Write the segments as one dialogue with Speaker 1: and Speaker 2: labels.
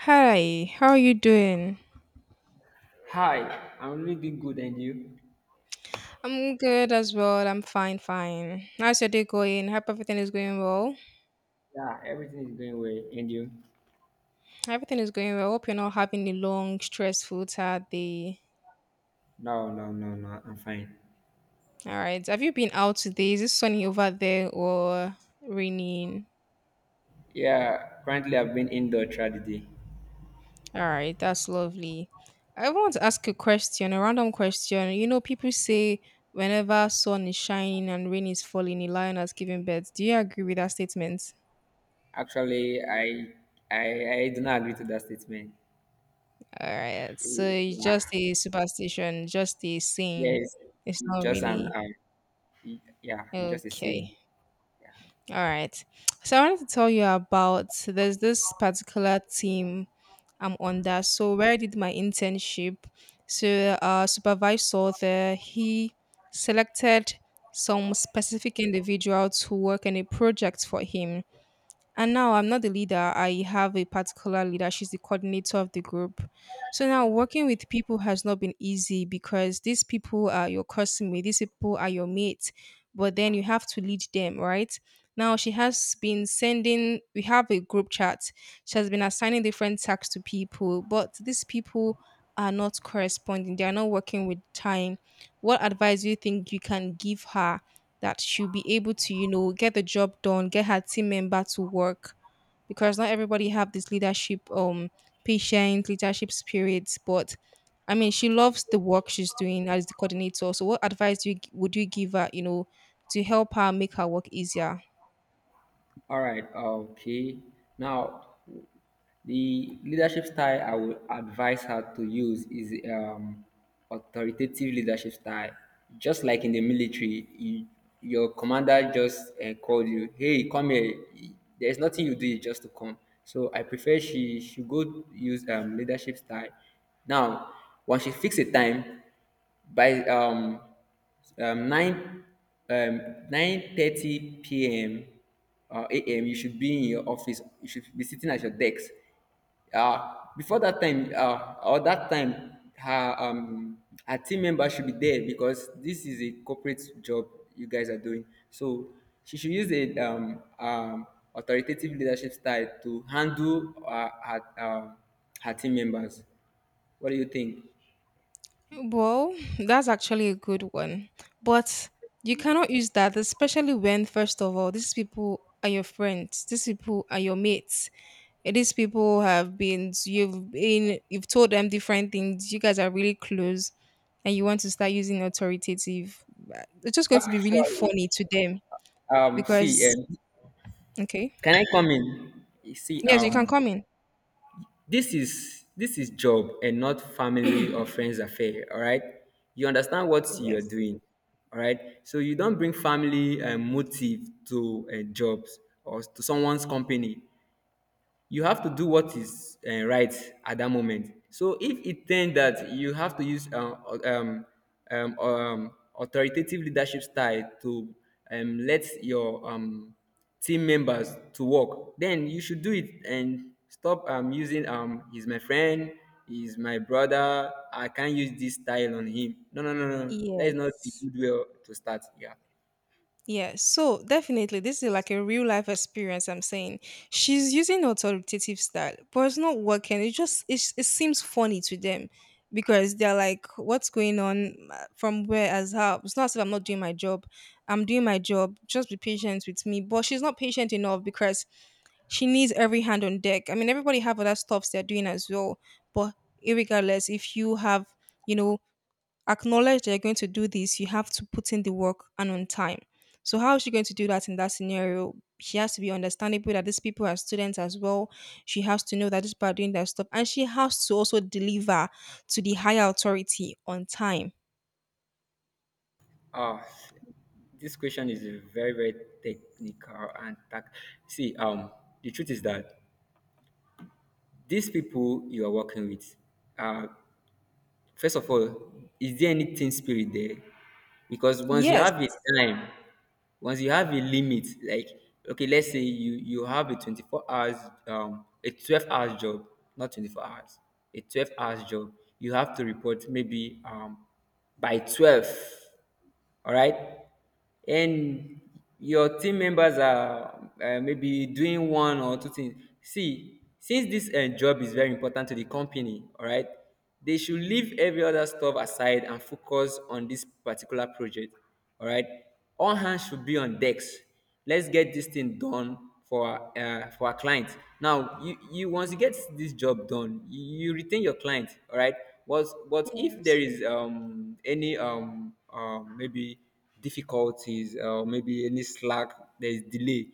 Speaker 1: Hi, how are you doing?
Speaker 2: Hi, I'm really doing good, and you?
Speaker 1: I'm good as well. I'm fine, fine. How's your day going? Hope everything is going well.
Speaker 2: Yeah, everything is going well, and you?
Speaker 1: Everything is going well. Hope you're not having a long, stressful, tired day.
Speaker 2: No, no, no, no, I'm fine.
Speaker 1: All right. Have you been out today? Is it sunny over there or raining?
Speaker 2: Yeah, apparently I've been indoor throughout the day.
Speaker 1: All right, that's lovely. I want to ask a question, a random question. You know, people say whenever sun is shining and rain is falling, a lion has given birth. Do you agree with that statement?
Speaker 2: Actually, I do not agree to that statement.
Speaker 1: All right. So it's just
Speaker 2: Yeah,
Speaker 1: a superstition, just a saying.
Speaker 2: yes,
Speaker 1: It's
Speaker 2: it's
Speaker 1: not
Speaker 2: just an,
Speaker 1: really
Speaker 2: um, yeah, it's just a
Speaker 1: okay.
Speaker 2: saying. Yeah.
Speaker 1: All right. So I wanted to tell you about there's this particular team I'm under. So where I did my internship. So our supervisor there, he selected some specific individual to work on a project for him. And now I'm not the leader. I have a particular leader. She's the coordinator of the group. So now working with people has not been easy because these people are your customers, these people are your mates, but then you have to lead them, right? Now she has been sending, we have a group chat. She has been assigning different tasks to people, but these people are not corresponding. They are not working with time. What advice do you think you can give her that she'll be able to, you know, get the job done, get her team member to work because not everybody have this leadership patience, leadership spirits, but I mean, she loves the work she's doing as the coordinator. So what advice do you, would you give her, you know, to help her make her work easier?
Speaker 2: All right. Okay. Now, the leadership style I would advise her to use is authoritative leadership style. Just like in the military, your commander just called you, "Hey, come here." There's nothing you do; you just to come. So I prefer she should go use leadership style. Now, once she fix a time, by 9 um, 9:30 p.m. or a.m., you should be in your office. You should be sitting at your desk. Before that time, or that time, her team member should be there because this is a corporate job you guys are doing. So she should use a authoritative leadership style to handle her team members. What do you think?
Speaker 1: Well, that's actually a good one. But you cannot use that, especially when, first of all, these people are your friends, these people are your mates. And these people have been, you've told them different things. You guys are really close, and you want to start using authoritative, it's just going to be really
Speaker 2: Actually,
Speaker 1: funny to them
Speaker 2: See,
Speaker 1: because, okay,
Speaker 2: can I come in? You see,
Speaker 1: yes, you can come in.
Speaker 2: this is job and not family or friends affair. All right, you understand what you are
Speaker 1: Yes.
Speaker 2: doing. All right, so you don't bring family motive to jobs or to someone's company. You have to do what is right at that moment. So if it turns that you have to use um, um, um, authoritative leadership style to let your team members to work, then you should do it and stop using he's my friend, he's my brother, I can't use this style on him. No, no, no, no, no. That is not a
Speaker 1: Yes.
Speaker 2: good way to start. Yeah.
Speaker 1: Yes. So definitely, this is like a real life experience. I'm saying she's using authoritative style, but it's not working. It just it seems funny to them because they're like, "What's going on? From where? As how?" It's not as if I'm not doing my job. I'm doing my job. Just be patient with me. But she's not patient enough because she needs every hand on deck. I mean, everybody have other stuffs they're doing as well, but irregardless, if you have, you know, acknowledged that you're going to do this, you have to put in the work and on time. So how is she going to do that in that scenario? She has to be understandable that these people are students as well. She has to know that these people are doing their stuff, and she has to also deliver to the higher authority on time.
Speaker 2: Uh, this question is a very, very technical and see, the truth is that these people you are working with, uh, first of all, is there any team spirit there? Because once you
Speaker 1: Yes.
Speaker 2: have a time, once you have a limit, like okay, let's say you have a 24 hours, a 12 hours job, not 24 hours, a 12 hours job. You have to report maybe by 12, all right, and your team members are maybe doing one or two things. See, since this job is very important to the company, all right, they should leave every other stuff aside and focus on this particular project, all right, all hands should be on decks. Let's get this thing done for for our client. Now, you once you get this job done, you retain your client. All right, but if
Speaker 1: Yes.
Speaker 2: there is any maybe difficulties or maybe any slack, there is delay.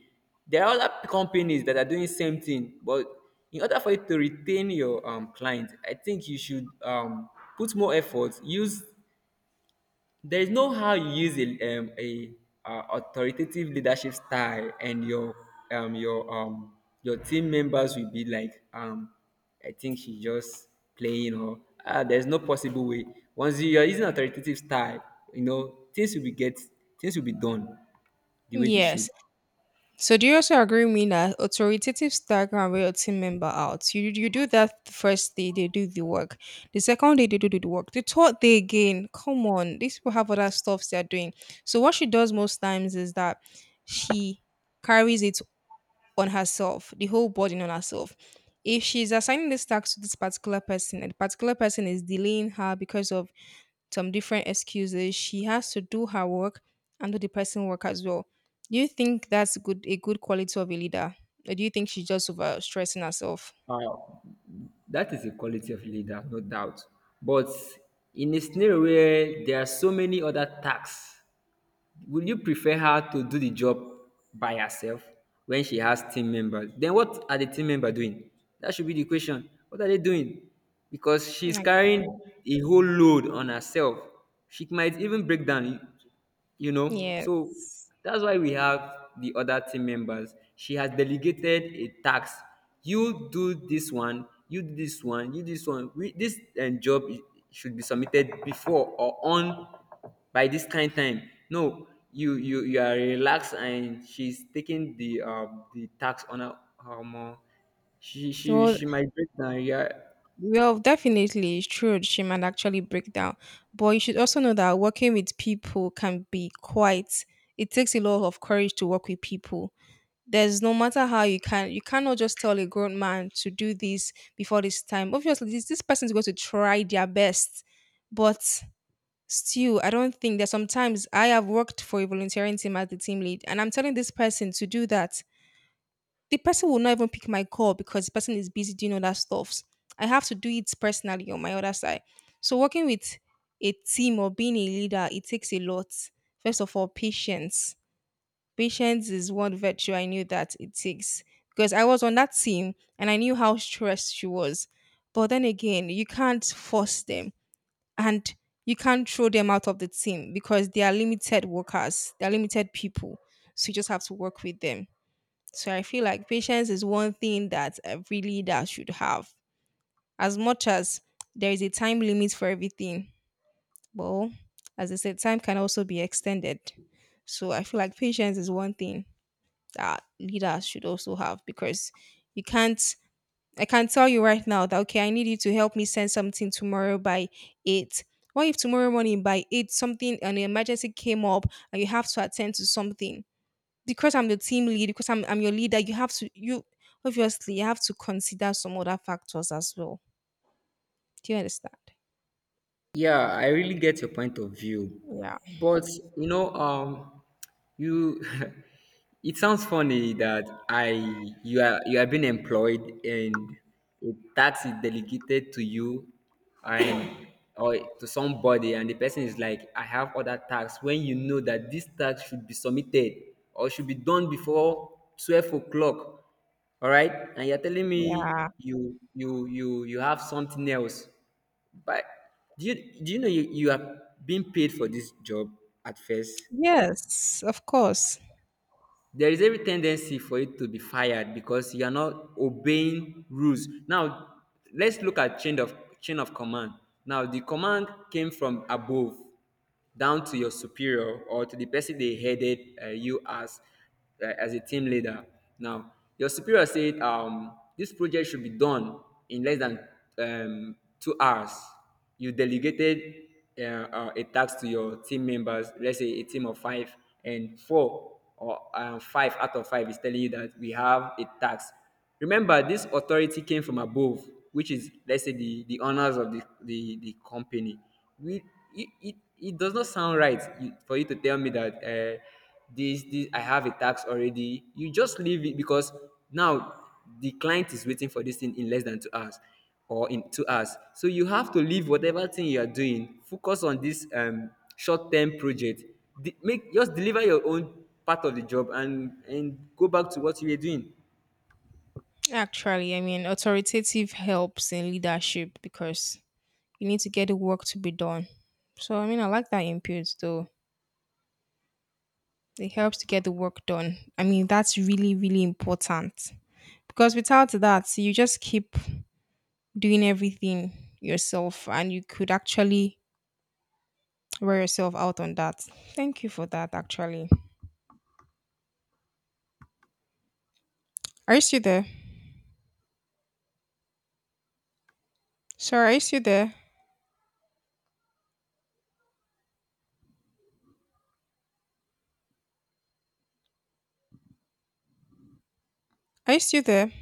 Speaker 2: There are other companies that are doing same thing, but in order for you to retain your client, I think you should put more effort, use there is no how you use. A authoritative leadership style, and um, your um, your team members will be like, I think she's just playing, or there's no possible way. Once you are using authoritative style, you know things will be done the way they should.
Speaker 1: Yes. So do you also agree with me that authoritative style can wear a team member out? You do that the first day, they do the work. The second day, they do the work. The third day again, come on, these people have other stuffs they're doing. So what she does most times is that she carries it on herself, the whole burden on herself. If she's assigning this task to this particular person and the particular person is delaying her because of some different excuses. She has to do her work and do the person work as well. Do you think that's good a good quality of a leader? Or do you think she's just over stressing herself?
Speaker 2: Uh, that is a quality of leader, no doubt. But in a scenario where there are so many other tasks, would you prefer her to do the job by herself when she has team members? Then what are the team members doing? That should be the question. What are they doing? Because she's carrying
Speaker 1: Actually.
Speaker 2: a whole load on herself. She might even break down. So
Speaker 1: Yes.
Speaker 2: that's why we have the other team members. She has delegated a task: you do this one, you do this one, you do this one. This job should be submitted before or on by this kind time. No, you are relaxed and she's taking the tax on her um, uh, she she
Speaker 1: Well,
Speaker 2: she might break down. Yeah.
Speaker 1: well, definitely, it's true. She might actually break down, but you should also know that working with people can be quite. It takes a lot of courage to work with people. There's no matter how you can you cannot just tell a grown man to do this before this time. Obviously this person is going to try their best, but still I don't think that sometimes I have worked for a volunteering team as the team lead, and I'm telling this person to do that. The person will not even pick my call because the person is busy doing other stuffs. I have to do it personally on my other side. So working with a team or being a leader, it takes a lot. First of all, patience. Patience is one virtue I knew that it takes because I was on that team, and I knew how stressed she was. But then again, you can't force them, and you can't throw them out of the team because they are limited workers, they are limited people. So you just have to work with them. So I feel like patience is one thing that every leader should have. As much as there is a time limit for everything, well, as I said, time can also be extended. So I feel like patience is one thing that leaders should also have because you can't. I can tell you right now that okay, I need you to help me send something tomorrow by eight. What if tomorrow morning by eight something an emergency came up and you have to attend to something? Because I'm the team lead, because I'm your leader, you have to you obviously you have to consider some other factors as well. Do you understand?
Speaker 2: Yeah, I really get your point of view.
Speaker 1: Yeah.
Speaker 2: But, you know, um you it sounds funny that I you are being employed and a tax is delegated to you and or to somebody, and the person is like, I have other tax when you know that this tax should be submitted or should be done before 12 o'clock, all right, and you're telling
Speaker 1: Yeah.
Speaker 2: me you have something else. But do you do you know you are being paid for this job at first?
Speaker 1: Yes, of course.
Speaker 2: There is every tendency for you to be fired because you are not obeying rules. Now let's look at chain of command. Now the command came from above down to your superior or to the person they headed you as a team leader. Now your superior said this project should be done in less than 2 hours. You delegated a task to your team members, let's say a team of five, and four or five out of five is telling you that we have a task. Remember, this authority came from above, which is, let's say, the owners of the company. We, it does not sound right for you to tell me that. This I have a tax already, you just leave it, because now the client is waiting for this thing in less than 2 hours or in 2 hours, so you have to leave whatever thing you are doing, focus on this short-term project. De- make Just deliver your own part of the job, and go back to what you were doing
Speaker 1: Actually, I mean, authoritative helps in leadership because you need to get the work to be done. So I mean, I like that input though. It helps to get the work done. I mean, that's really really important because without that, you just keep doing everything yourself, and you could actually wear yourself out on that. Thank you for that. Actually, are you still there? Sorry, are you still there? Are you still there?